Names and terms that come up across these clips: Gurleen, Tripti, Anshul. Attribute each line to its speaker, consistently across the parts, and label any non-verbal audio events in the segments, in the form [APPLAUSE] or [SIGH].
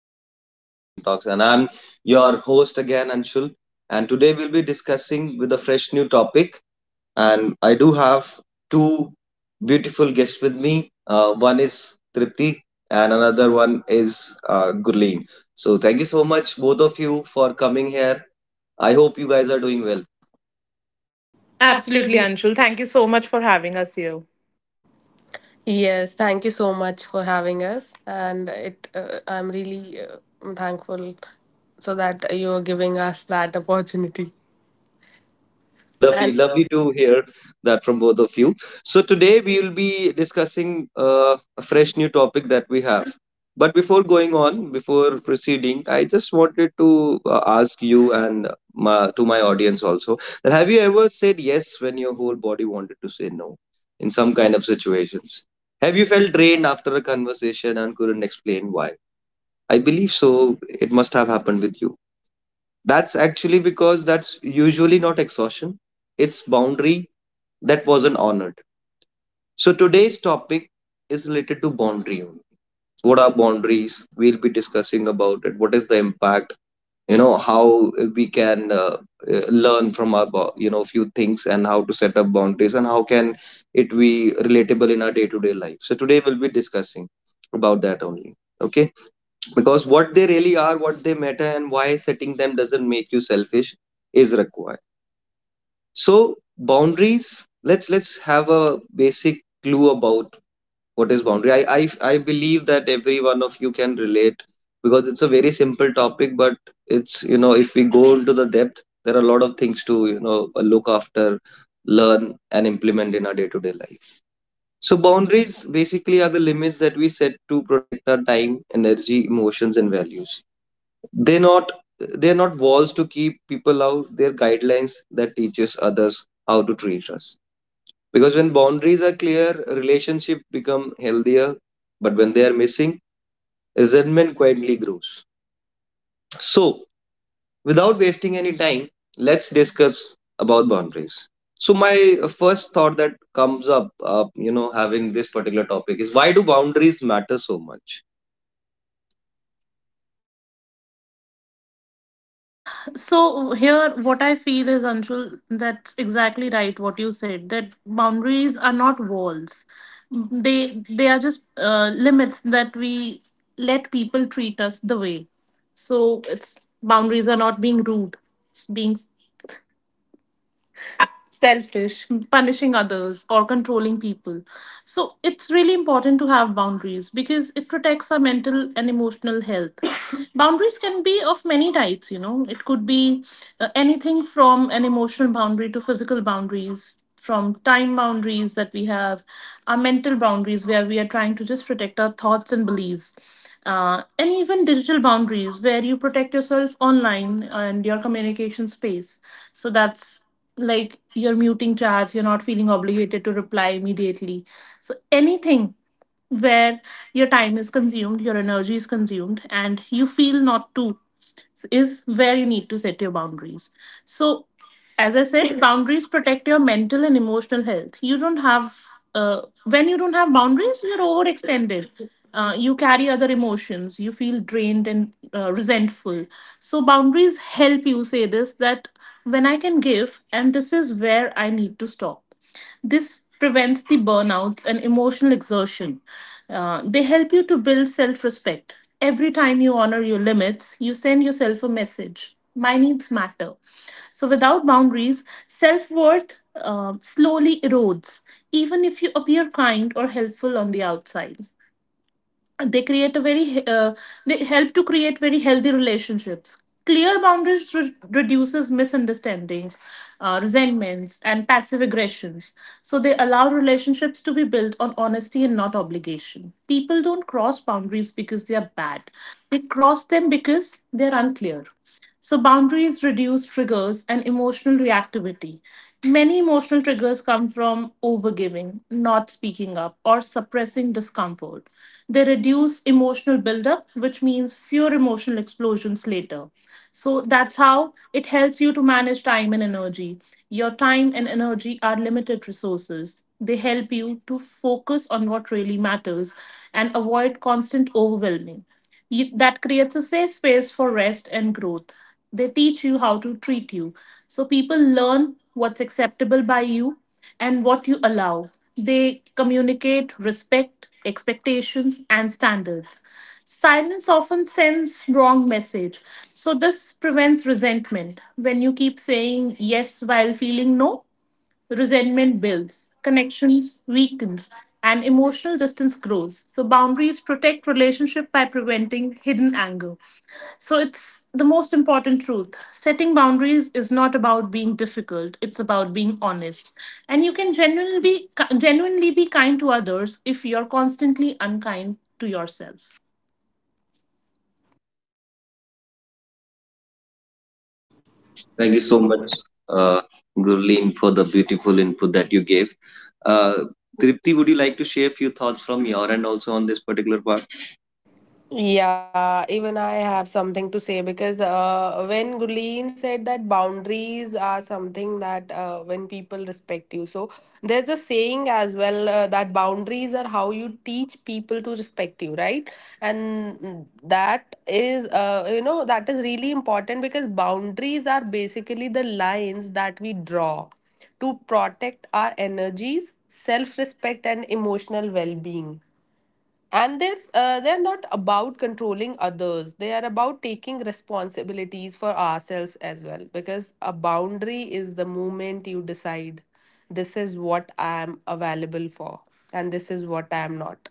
Speaker 1: back to the 5 p.m. Talks. And I'm your host again, Anshul. And today we'll be discussing with a fresh new topic. And I do have two beautiful guests with me. One is Tripti, and another one is Gurleen. So thank you so much, both of you, for coming here. I hope you guys are doing well.
Speaker 2: Absolutely,
Speaker 3: Absolutely.
Speaker 2: Anshul. Thank you so much for having us here.
Speaker 3: Yes, thank you so much for having us, and it. I'm really thankful so that you are giving us that opportunity.
Speaker 1: Lovely,
Speaker 3: Lovely, and
Speaker 1: lovely
Speaker 3: lovely.
Speaker 1: to hear that from both of you. So today we will be discussing a fresh new topic that we have. But before going on, before proceeding, I just wanted to ask you and my, to my audience also, that have you ever said yes when your whole body wanted to say no in some kind of situations? Have you felt drained after a conversation and couldn't explain why? I believe so. It must have happened with you. That's actually because that's usually not exhaustion, it's boundary that wasn't honored. So today's topic is related to boundary. Only. What are boundaries? We'll be discussing about it. What is the impact? You know how we can learn from our you know few things, and how to set up boundaries, and how can it be relatable in our day to day life. So today we'll be discussing about that only. Okay, because what they really are, what they matter, and why setting them doesn't make you selfish is required. So boundaries, let's have a basic clue about what is boundary. I believe that every one of you can relate, because it's a very simple topic, but it's, you know, if we go into the depth, there are a lot of things to, you know, look after, learn, and implement in our day to day life. So boundaries basically are the limits that we set to protect our time, energy, emotions, and values. They are not, they're not walls to keep people out, they're guidelines that teaches others how to treat us. Because when boundaries are clear, relationship become healthier, but when they are missing, resentment quietly grows. So without wasting any time, let's discuss about boundaries. So my first thought that comes up, you know, having this particular topic, is why do boundaries matter so much?
Speaker 2: So here, what I feel is, Anshul, that's exactly right. What you said, that boundaries are not walls; they are just limits that we let people treat us the way. So it's, boundaries are not being rude; it's being selfish, punishing others, or controlling people. So it's really important to have boundaries because it protects our mental and emotional health. [COUGHS] Boundaries can be of many types, you know, it could be anything from an emotional boundary to physical boundaries. From time boundaries that we have, our mental boundaries where we are trying to just protect our thoughts and beliefs, and even digital boundaries where you protect yourself online and your communication space. So that's like you're muting chats, you're not feeling obligated to reply immediately. So anything where your time is consumed, your energy is consumed, and you feel not to, is where you need to set your boundaries. So as I said, boundaries protect your mental and emotional health. You don't have, when you don't have boundaries, you're overextended, you carry other emotions, you feel drained and resentful. So boundaries help you say this, that when I can give and this is where I need to stop. This prevents the burnouts and emotional exhaustion. They help you to build self respect. Every time you honor your limits, you send yourself a message: my needs matter. So, without boundaries, self worth slowly erodes, even if you appear kind or helpful on the outside. They create a very they help to create very healthy relationships. Clear boundaries reduces misunderstandings, resentments, and passive aggressions. So they allow relationships to be built on honesty and not obligation. People don't cross boundaries because they are bad; they cross them because they're unclear. So, boundaries reduce triggers and emotional reactivity. Many emotional triggers come from overgiving, not speaking up, or suppressing discomfort. They reduce emotional buildup, which means fewer emotional explosions later. So, that's how it helps you to manage time and energy. Your time and energy are limited resources. They help you to focus on what really matters and avoid constant overwhelming you, that creates a safe space for rest and growth. They teach you how to treat you. So people learn what's acceptable by you and what you allow. They communicate respect, expectations, and standards. Silence often sends wrong message. So this prevents resentment. When you keep saying yes while feeling no, resentment builds, connections weakens, and emotional distance grows. So boundaries protect relationship by preventing hidden anger. So it's the most important truth. Setting boundaries is not about being difficult, it's about being honest. And you can genuinely be kind to others if you're constantly unkind to yourself.
Speaker 1: Thank you so
Speaker 3: Thank you
Speaker 1: much,
Speaker 3: so much.
Speaker 1: uh, Gurleen, for the beautiful input that you gave. Uh, Tripti, would you like to share a few thoughts from your end also on this particular part?
Speaker 3: Yeah, even I have something to say because when Gurleen said that boundaries are something that when people respect you, so there's a saying as well that boundaries are how you teach people to respect you, right? And that is, you know, that is really important because boundaries are basically the lines that we draw to protect our energies, self respect, and emotional well being, and they're not about controlling others. They are about taking responsibilities for ourselves as well, because a boundary is the moment you decide this is what I am available for and this is what I am not.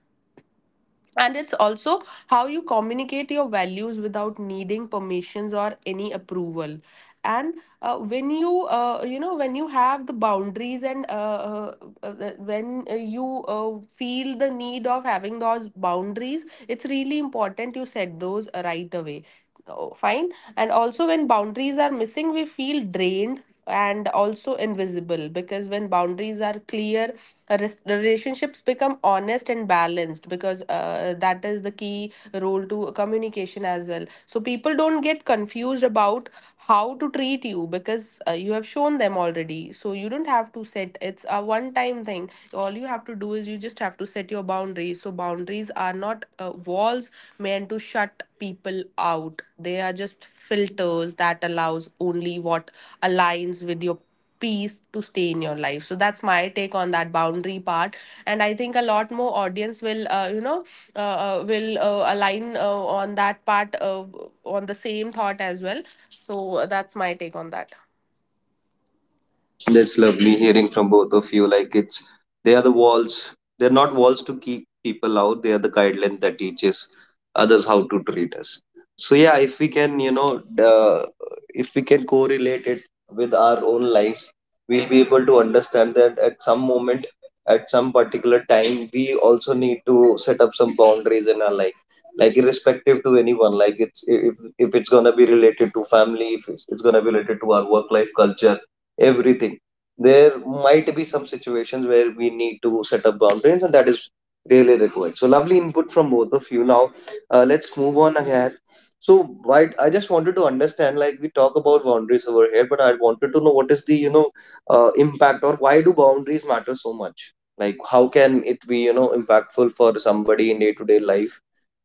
Speaker 3: And it's also how you communicate your values without needing permissions or any approval. And when you you know, when you have the boundaries, and uh, when you feel the need of having those boundaries, it's really important you set those right away. Oh, fine. And also, when boundaries are missing, we feel drained and also invisible, because when boundaries are clear, relationships become honest and balanced, because that is the key role to communication as well. So people don't get confused about how to treat you, because you have shown them already. So you don't have to set, it's a one time thing. All you have to do is you just have to set your boundaries. So boundaries are not walls meant to shut people out. They are just filters that allows only what aligns with your peace to stay in your life. So that's my take on that boundary part, and I think a lot more audience will uh, align on that part, on the same thought as well. So that's my take on that.
Speaker 1: That's lovely hearing from both of you. Like, it's they are the walls. They're not walls to keep people out. They are the guideline that teaches others how to treat us. So yeah, if we can, you know, if we can correlate it with our own lives, we'll be able to understand that at some moment, at some particular time, we also need to set up some boundaries in our life, like irrespective to anyone. Like it's, if it's gonna be related to family, if it's, it's gonna be related to our work life culture, everything. There might be some situations where we need to set up boundaries, and that is really required. So lovely input from both of you. Now let's move on ahead. So why, I just wanted to understand, like we talk about boundaries over here, but I wanted to know what is the, you know, impact, or why do boundaries matter so much, like how can it be, you know, impactful for somebody in day-to-day life,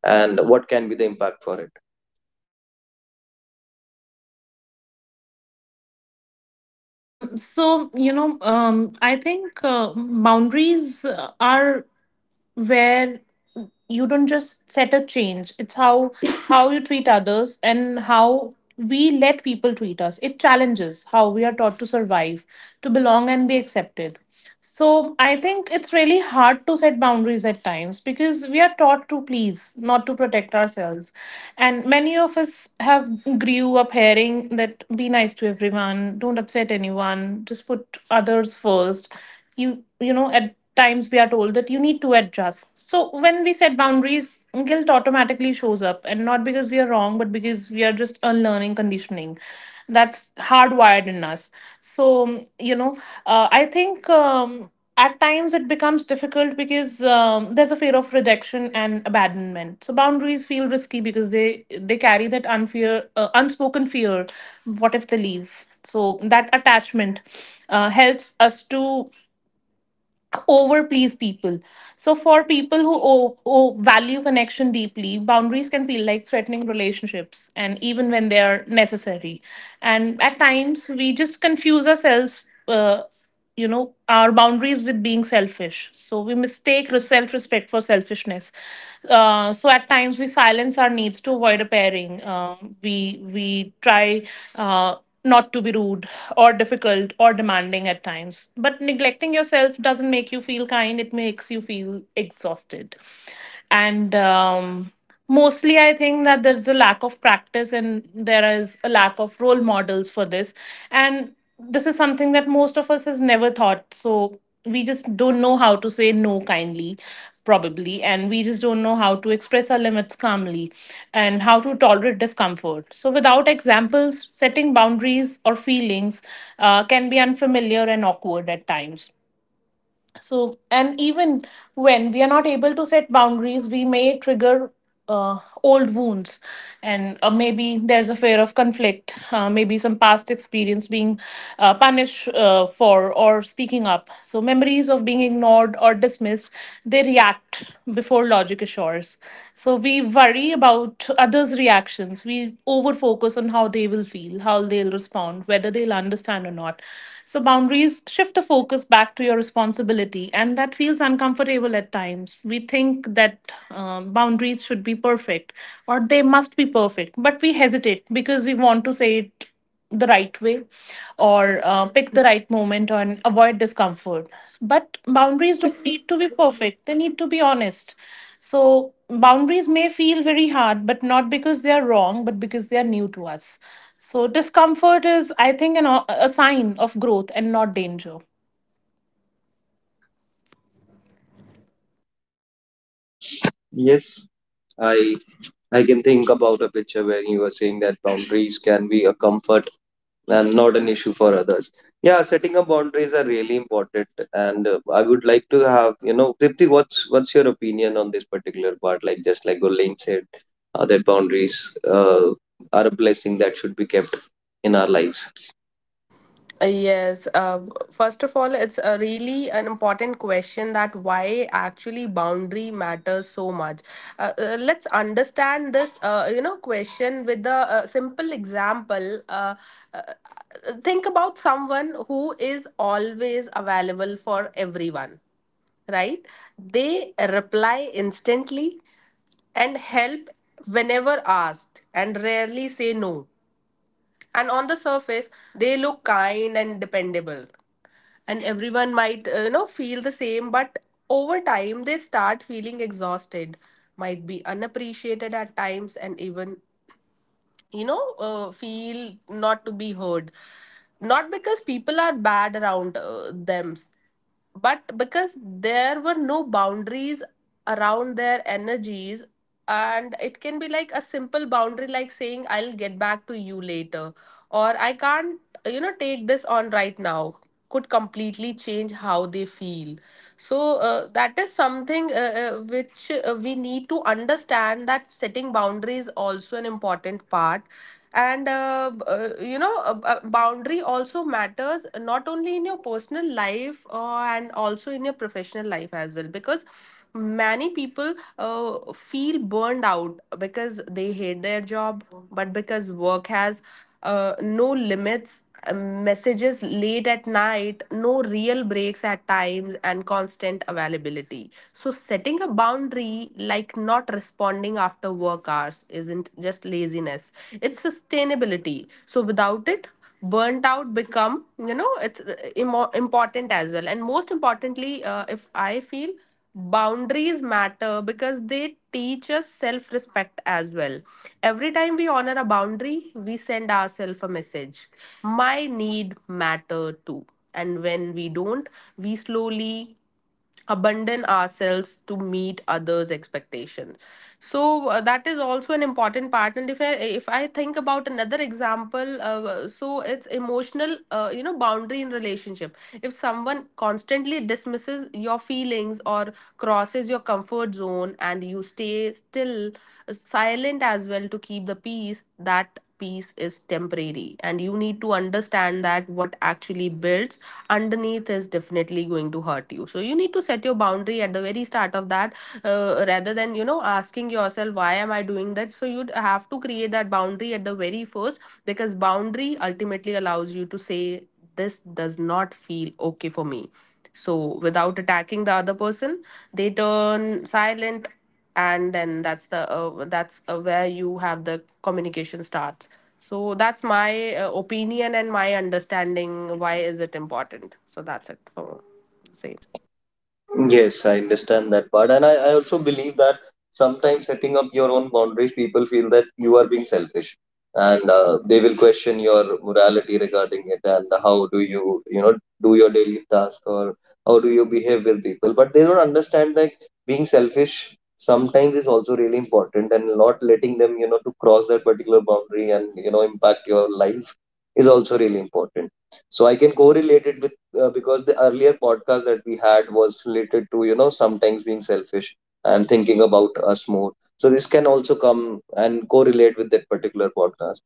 Speaker 1: and what can be the impact for it.
Speaker 2: I think boundaries are where you don't just set a change, it's how [LAUGHS] how you treat others and how we let people treat us. It challenges how we are taught to survive, to belong, and be accepted. So I think it's really hard to set boundaries at times because we are taught to please, not to protect ourselves. And many of us have grew up hearing that be nice to everyone, don't upset anyone, just put others first. You know, at times we are told that you need to adjust. So when we set boundaries, guilt automatically shows up, and not because we are wrong, but because we are just unlearning conditioning that's hardwired in us. So you know, I think at times it becomes difficult because there's a fear of rejection and abandonment. So boundaries feel risky because they carry that unfear unspoken fear: what if they leave? So that attachment helps us to overplease people. So for people who value connection deeply, boundaries can feel like threatening relationships, and even when they are necessary. And at times, we just confuse ourselves. You know, our boundaries with being selfish, so we mistake self respect for selfishness. So at times we silence our needs to avoid a pairing, we try uh, not to be rude or difficult or demanding at times. But neglecting yourself doesn't make you feel kind, it makes you feel exhausted. And mostly, I think that there's a lack of practice and there is a lack of role models for this. And this is something that most of us has never thought, so we just don't know how to say no kindly, probably, and we just don't know how to express our limits calmly and how to tolerate discomfort. So without examples, setting boundaries or feelings can be unfamiliar and awkward at times. So, and even when we are not able to set boundaries, we may trigger old wounds. And maybe there's a fear of conflict, maybe some past experience being punished for or speaking up. So, memories of being ignored or dismissed, they react before logic assures. So, we worry about others' reactions. We over focus on how they will feel, how they'll respond, whether they'll understand or not. So, boundaries shift the focus back to your responsibility, and that feels uncomfortable at times. We think that boundaries should be perfect or they must be perfect, but we hesitate because we want to say it the right way or pick the right moment and avoid discomfort. But boundaries don't need to be perfect, they need to be honest. So, boundaries may feel very hard, but not because they are wrong, but because they are new to us. So, discomfort is, I think, a sign of growth and not danger.
Speaker 1: Yes, i I can think about a picture where you were saying that boundaries can be a comfort and not an issue for others. Yeah, setting up boundaries are really important, and I would like to have, you know, Dipti, what's your opinion on this particular part, like just like Gurleen said, that boundaries uh, are a blessing that should be kept in our lives.
Speaker 3: Yes, first of all, it's a really an important question that why actually boundary matters so much. Let's understand this, you know, question with a, simple example. Uh, think about someone who is always available for everyone, right? They reply instantly and help whenever asked and rarely say no, and on the surface they look kind and dependable, and everyone might you know, feel the same. But over time they start feeling exhausted, might be unappreciated at times, and even, you know, feel not to be heard, not because people are bad around them, but because there were no boundaries around their energies. And it can be like a simple boundary, like saying I'll get back to you later, or I can't, you know, take this on right now, could completely change how they feel. So that is something which we need to understand, that setting boundaries also an important part. And you know, a boundary also matters, not only in your personal life, and also in your professional life as well, because many people feel burned out, because they hate their job, but because work has no limits. Um, messages late at night, no real breaks at times, and constant availability. So, setting a boundary like not responding after work hours isn't just laziness, it's sustainability. So, without it, burnt out become, you know, it's important as well. And most importantly, if I feel, boundaries matter because they teach us self respect as well. Every time we honor a boundary, we send ourselves a message. My need matter too. And when we don't, we slowly abandon ourselves to meet others expectations. So that is also an important part. And if I think about another example, so it's emotional, you know, boundary in relationship. If someone constantly dismisses your feelings or crosses your comfort zone, and you stay still silent as well to keep the peace, that peace is temporary, and you need to understand that what actually builds underneath is definitely going to hurt you. So you need to set your boundary at the very start of that, rather than, you know, asking yourself why am I doing that. So you'd have to create that boundary at the very first, because boundary ultimately allows you to say this does not feel okay for me. So without attacking the other person, they turn silent, and then that's the that's where you have the communication starts. So that's my opinion and my understanding why is it important. So that's it for say.
Speaker 1: Yes, I understand that part. And I also believe that sometimes setting up your own boundaries, people feel that you are being selfish, and they will question your morality regarding it, and how do you, you know, do your daily task, or how do you behave with people. But they don't understand that being selfish sometimes is also really important, and not letting them, you know, to cross that particular boundary and, you know, impact your life is also really important. So I can correlate it with, because the earlier podcast that we had was related to, you know, sometimes being selfish and thinking about us more. So this can also come and correlate with that particular podcast.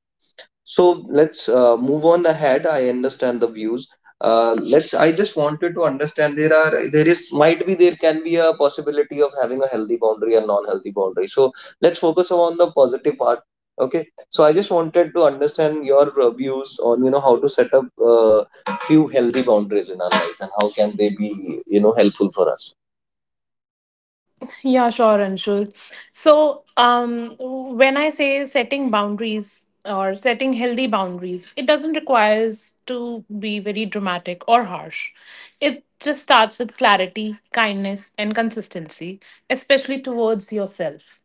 Speaker 1: So let's move on ahead. I understand the views. Let's. I just wanted to understand, there are there is might be there can be a possibility of having a healthy boundary and non-healthy boundary. So let's focus on the positive part. Okay. So I just wanted to understand your views on, you know, how to set up few healthy boundaries in our lives, and how can they be, you know, helpful for us.
Speaker 2: Yeah, sure, Anshul. So, when I say setting boundaries or setting healthy boundaries, it doesn't require to be very dramatic or harsh. It just starts with clarity, kindness, and consistency, especially towards yourself.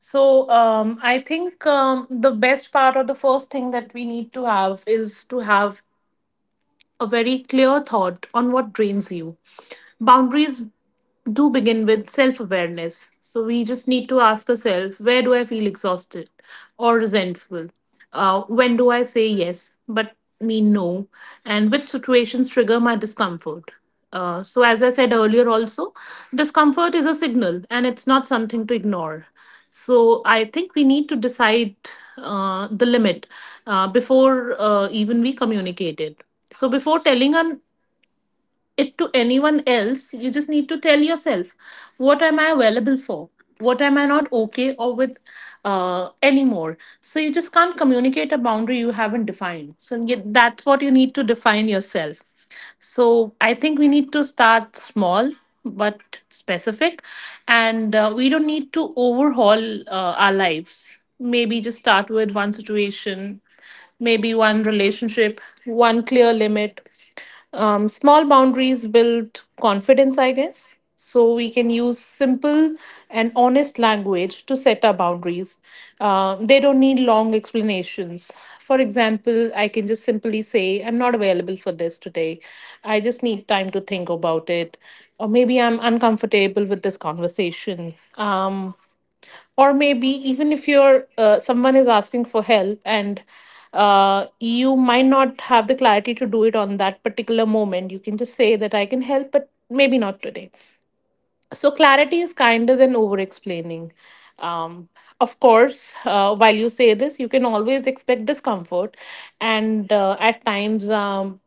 Speaker 2: So, I think the best part or the first thing that we need to have is to have a very clear thought on what drains you. Boundaries do begin with self awareness. So we just need to ask ourselves, where do I feel exhausted or resentful? When do I say yes but mean no? And which situations trigger my discomfort? So, as I said earlier, also, discomfort is a signal and it's not something to ignore. So, I think we need to decide the limit before even we communicate it. So, before telling an it to anyone else, you just need to tell yourself what am I available for, what am I not okay or with anymore. So you just can't communicate a boundary you haven't defined, so that's what you need to define yourself. So I think we need to start small but specific, and we don't need to overhaul our lives. Maybe just start with one situation, maybe one relationship, one clear limit. Small boundaries build confidence, I guess. So we can use simple and honest language to set our boundaries. They don't need long explanations. For example, I can just simply say, I'm not available for this today. I just need time to think about it. Or maybe, I'm uncomfortable with this conversation. Or maybe, even if you're someone is asking for help and you might not have the clarity to do it on that particular moment, you can just say that, I can help but maybe not today. So clarity is kinder than over explaining. um, of course, while you say this, you can always expect discomfort, and at times,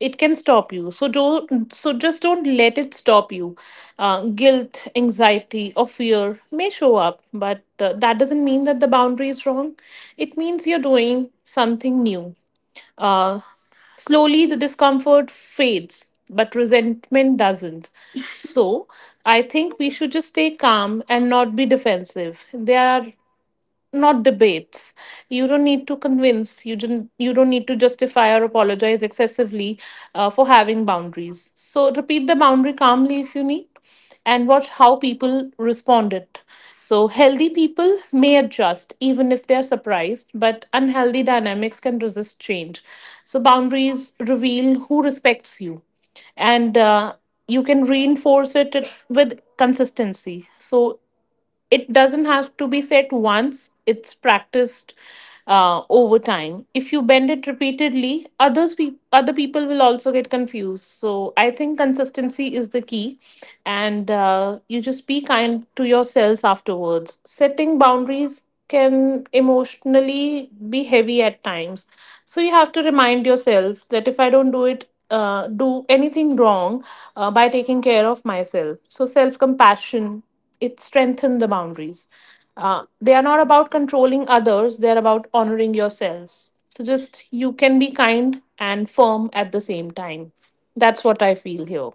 Speaker 2: it can stop you, so don't so just don't let it stop you. Guilt, anxiety, or fear may show up, but that doesn't mean that the boundary is wrong. It means you're doing something new. uh, Slowly, the discomfort fades, but resentment doesn't. So, I think we should just stay calm and not be defensive. There are not debates. You don't need to convince, you don't need to justify or apologize excessively for having boundaries. So repeat the boundary calmly if you need, and watch how people respond it. So healthy people may adjust even if they're surprised, but unhealthy dynamics can resist change. So boundaries reveal who respects you, and you can reinforce it with consistency. So it doesn't have to be said once, it's practiced over time. If you bend it repeatedly, other people will also get confused, so I think consistency is the key. And you just be kind to yourselves afterwards. Setting boundaries can emotionally be heavy at times, so you have to remind yourself that if I don't do it do anything wrong by taking care of myself. So self compassion, it strengthens the boundaries. They are not about controlling others, they're about honoring yourselves. So just, you can be kind and firm at the same time. That's what I feel here.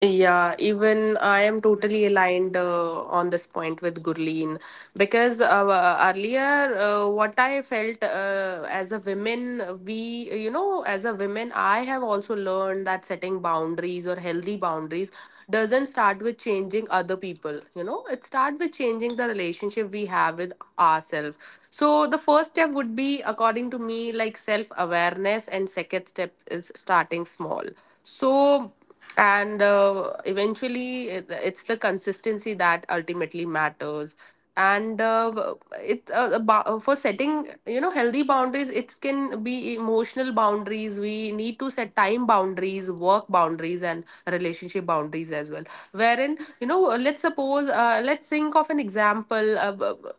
Speaker 3: Yeah, even I am totally aligned on this point with Gurleen, because earlier what I felt, as a women, we, you know, as a women, I have also learned that setting boundaries or healthy boundaries doesn't start with changing other people, you know, it starts with changing the relationship we have with ourselves. So the first step would be, according to me, like self awareness, and second step is starting small. So, and eventually it's the consistency that ultimately matters. And it about, for setting, you know, healthy boundaries, it can be emotional boundaries, we need to set time boundaries, work boundaries, and relationship boundaries as well, wherein, you know, let's suppose, let's think of an example,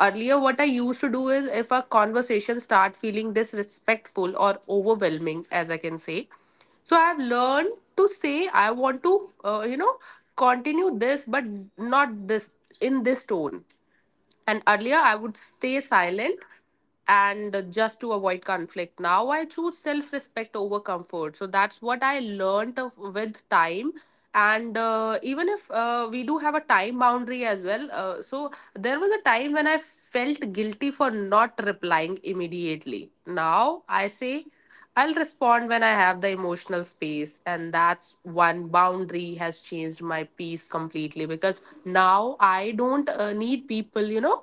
Speaker 3: earlier what I used to do is if a conversation start feeling disrespectful or overwhelming, as I can say, so I've learned to say I want to, you know, continue this, but not this, in this tone. And earlier I would stay silent, and just to avoid conflict. Now I choose self respect over comfort. So that's what I learned with time. And even if we do have a time boundary as well. So there was a time when I felt guilty for not replying immediately. Now I say I'll respond when I have the emotional space, and that's one boundary has changed my peace completely, because now I don't need people, you know,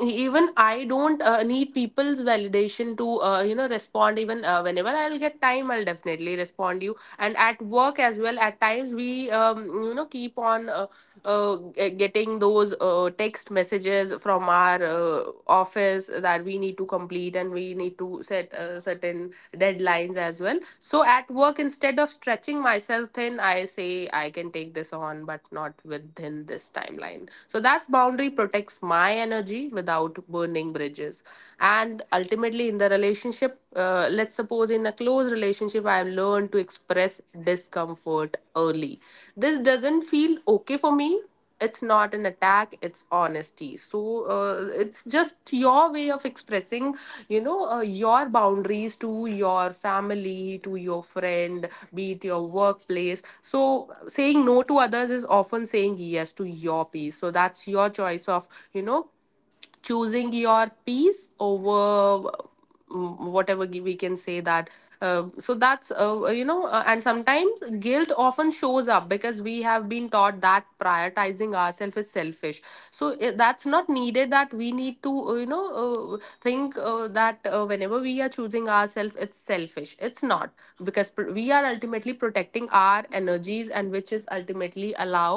Speaker 3: even I don't need people's validation to, you know, respond. Even whenever I'll get time, I'll definitely respond you. And at work as well, at times we, you know, keep on getting those text messages from our office that we need to complete, and we need to set certain deadlines as well. So at work, instead of stretching myself thin, I say I can take this on, but not within this timeline. So that's boundary protects my energy without burning bridges. And ultimately, in the relationship, let's suppose in a close relationship, I've learned to express discomfort early. This doesn't feel okay for me, it's not an attack, it's honesty. So it's just your way of expressing, you know, your boundaries to your family, to your friend, be it your workplace. So saying no to others is often saying yes to your peace. So that's your choice of, you know, choosing your peace over, whatever we can say that. So that's, you know, and sometimes guilt often shows up because we have been taught that prioritizing ourselves is selfish. So that's not needed, that we need to you know, think that whenever we are choosing ourselves it's selfish. It's not, because we are ultimately protecting our energies, and which is ultimately allow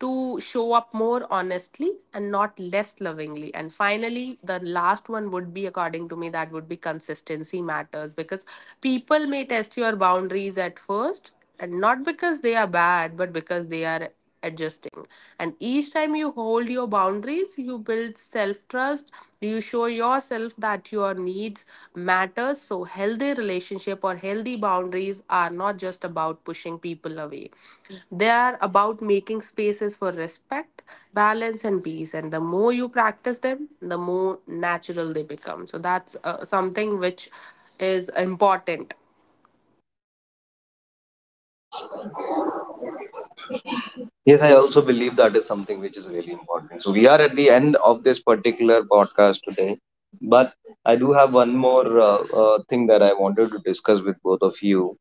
Speaker 3: to show up more honestly and not less lovingly. And finally, the last one would be, according to me, that would be consistency matters, because people may test your boundaries at first, and not because they are bad, but because they are adjusting. And each time you hold your boundaries, you build self trust, you show yourself that your needs matter. So, healthy relationship or healthy boundaries are not just about pushing people away, they are about making spaces for respect, balance, and peace. And the more you practice them, the more natural they become. So that's something which is important.
Speaker 1: Yes, I also believe that is something which is really important. So we are at the end of this particular podcast today, but I do have one more thing that I wanted to discuss with both of you.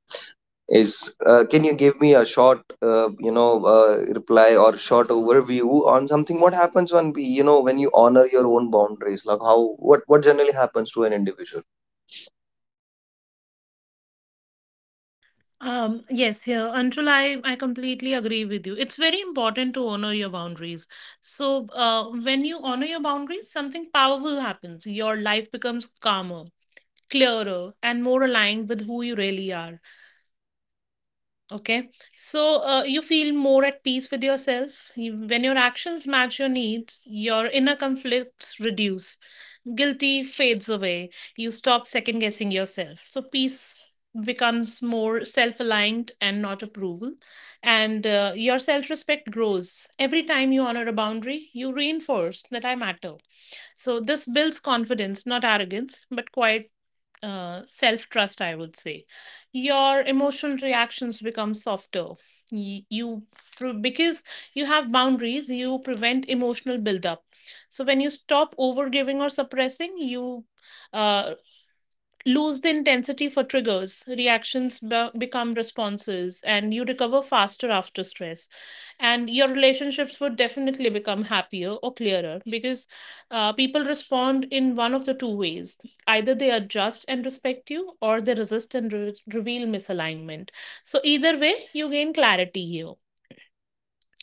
Speaker 1: Is, can you give me a short, you know, reply or short overview on something? What happens when we, you know, when you honor your own boundaries? Like how, what generally happens to an individual?
Speaker 2: Yes, here, Anshul, I completely agree with you. It's very important to honor your boundaries. So, when you honor your boundaries, something powerful happens. Your life becomes calmer, clearer, and more aligned with who you really are. Okay. So, you feel more at peace with yourself. When your actions match your needs, your inner conflicts reduce, guilty fades away. You stop second guessing yourself. So peace becomes more self aligned and not approval. And your self respect grows. Every time you honor a boundary, you reinforce that I matter. So this builds confidence, not arrogance, but quiet self trust, I would say. Your emotional reactions become softer. Y- You, because you have boundaries, you prevent emotional buildup. So when you stop over giving or suppressing, you uh, lose the intensity for triggers, reactions be- become responses, and you recover faster after stress. And your relationships would definitely become happier or clearer, because people respond in one of the two ways: either they adjust and respect you, or they resist and reveal misalignment. So either way, you gain clarity here.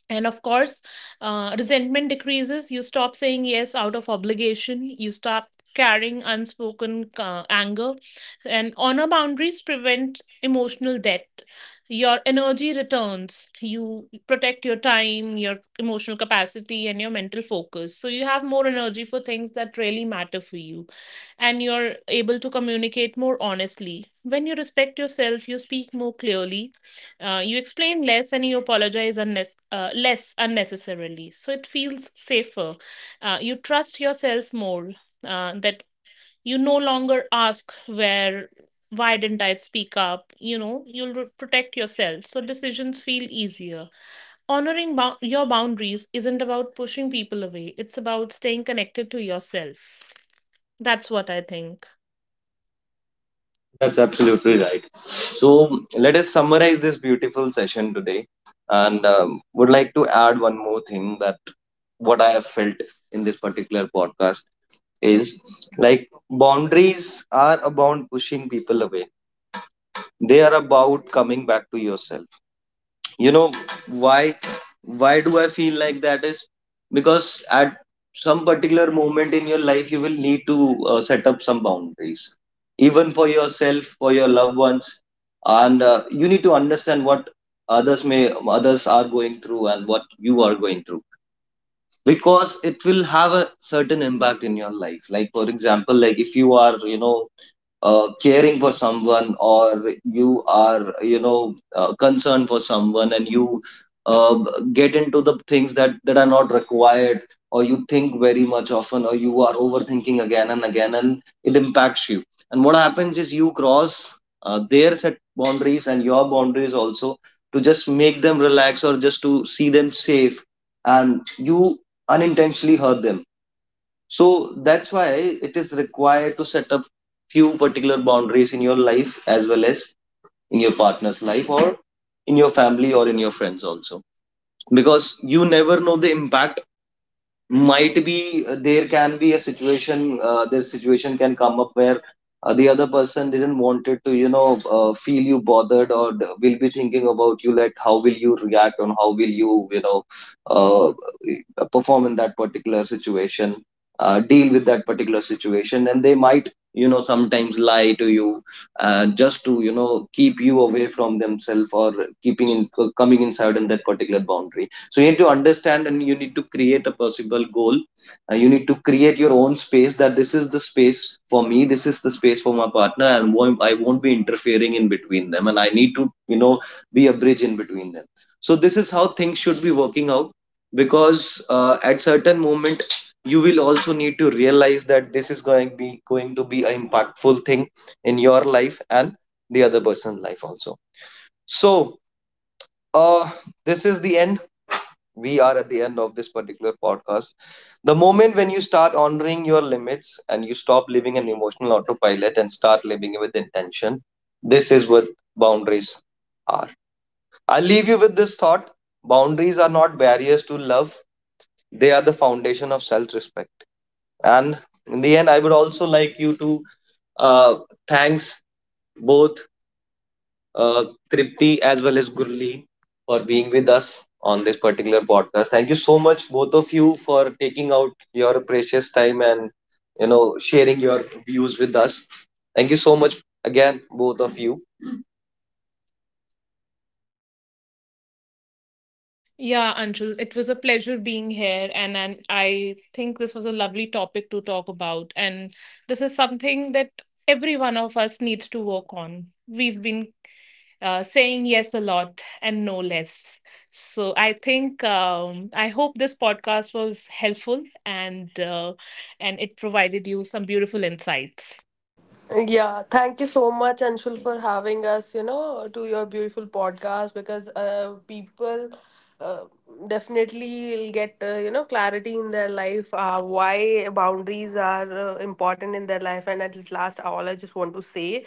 Speaker 2: And of course, resentment decreases. You stop saying yes out of obligation, you stop carrying unspoken anger, and honor boundaries prevent emotional debt. Your energy returns. You protect your time, your emotional capacity, and your mental focus, so you have more energy for things that really matter for you. And you're able to communicate more honestly. When you respect yourself, you speak more clearly. You explain less and you apologize less unnecessarily. So it feels safer. You trust yourself more that you no longer ask where, why didn't I speak up? You know, you'll protect yourself. So decisions feel easier. Honoring your boundaries isn't about pushing people away, it's about staying connected to yourself. That's what I think.
Speaker 1: That's absolutely right. So let us summarize this beautiful session today, and would like to add one more thing, that what I have felt in this particular podcast is, like boundaries are about pushing people away. They are about coming back to yourself. You know, why why do I feel like that is because at some particular moment in your life you will need to set up some boundaries, even for yourself, for your loved ones. And you need to understand what others may, others are going through, and what you are going through, because it will have a certain impact in your life. Like for example, like if you are, you know, caring for someone, or you are, you know, concerned for someone, and you uh, get into the things that are not required, or you think very much often, or you are overthinking again and again, and it impacts you. And what happens is, you cross their set boundaries and your boundaries also, to just make them relax or just to see them safe, and you unintentionally hurt them. So that's why it is required to set up few particular boundaries in your life, as well as in your partner's life, or in your family, or in your friends also, because you never know the impact might be. There can be a situation, their situation can come up, where the other person didn't wanted to, you know, feel you bothered, or will be thinking about you, like how will you react, and how will you, you know, uh, perform in that particular situation, deal with that particular situation, and they might, you know, sometimes lie to you, just to, you know, keep you away from themselves, or keeping in, coming inside in that particular boundary. So you need to understand, and you need to create a possible goal. You need to create your own space, that this is the space for me, this is the space for my partner, and I won't be interfering in between them, and I need to, you know, be a bridge in between them. So this is how things should be working out, because at certain moment you will also need to realize that this is going to be an impactful thing in your life, and the other person's life also. So uh this is the end, we are at the end of this particular podcast. The moment when you start honoring your limits, and you stop living an emotional autopilot and start living with intention, this is what boundaries are. I'll leave you with this thought: boundaries are not barriers to love, they are the foundation of self respect. And in the end, I would also like you to, uh, thanks both, uh, Tripti as well as Gurleen, for being with us on this particular podcast. Thank you so much, both of you, for taking out your precious time and, you know, sharing your views with us. Thank you so much again, both of you.
Speaker 2: Yeah, Anshul, it was a pleasure being here, and I think this was a lovely topic to talk about. And this is something that every one of us needs to work on. We've been saying yes a lot and no less. So I think, I hope this podcast was helpful, and it provided you some beautiful insights.
Speaker 3: Yeah, thank you so much, Anshul, for having us, you know, to your beautiful podcast, because people uh, definitely will get, you know, clarity in their life, why boundaries are important in their life. And at last, all I just want to say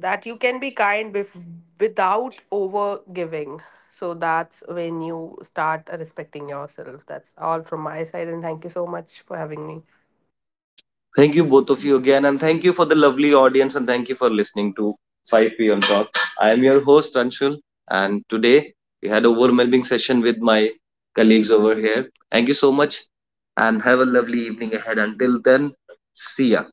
Speaker 3: that you can be kind without over giving. So that's when you start respecting yourself. That's all from my side, and thank you so much for having me.
Speaker 1: Thank you, both of you again, and thank you for the lovely audience, and thank you for listening to 5 p.m. Talk. I am your host Anshul, and today we had a overwhelming session with my colleagues over here. Thank you so much, and have a lovely evening ahead. Until then, see ya.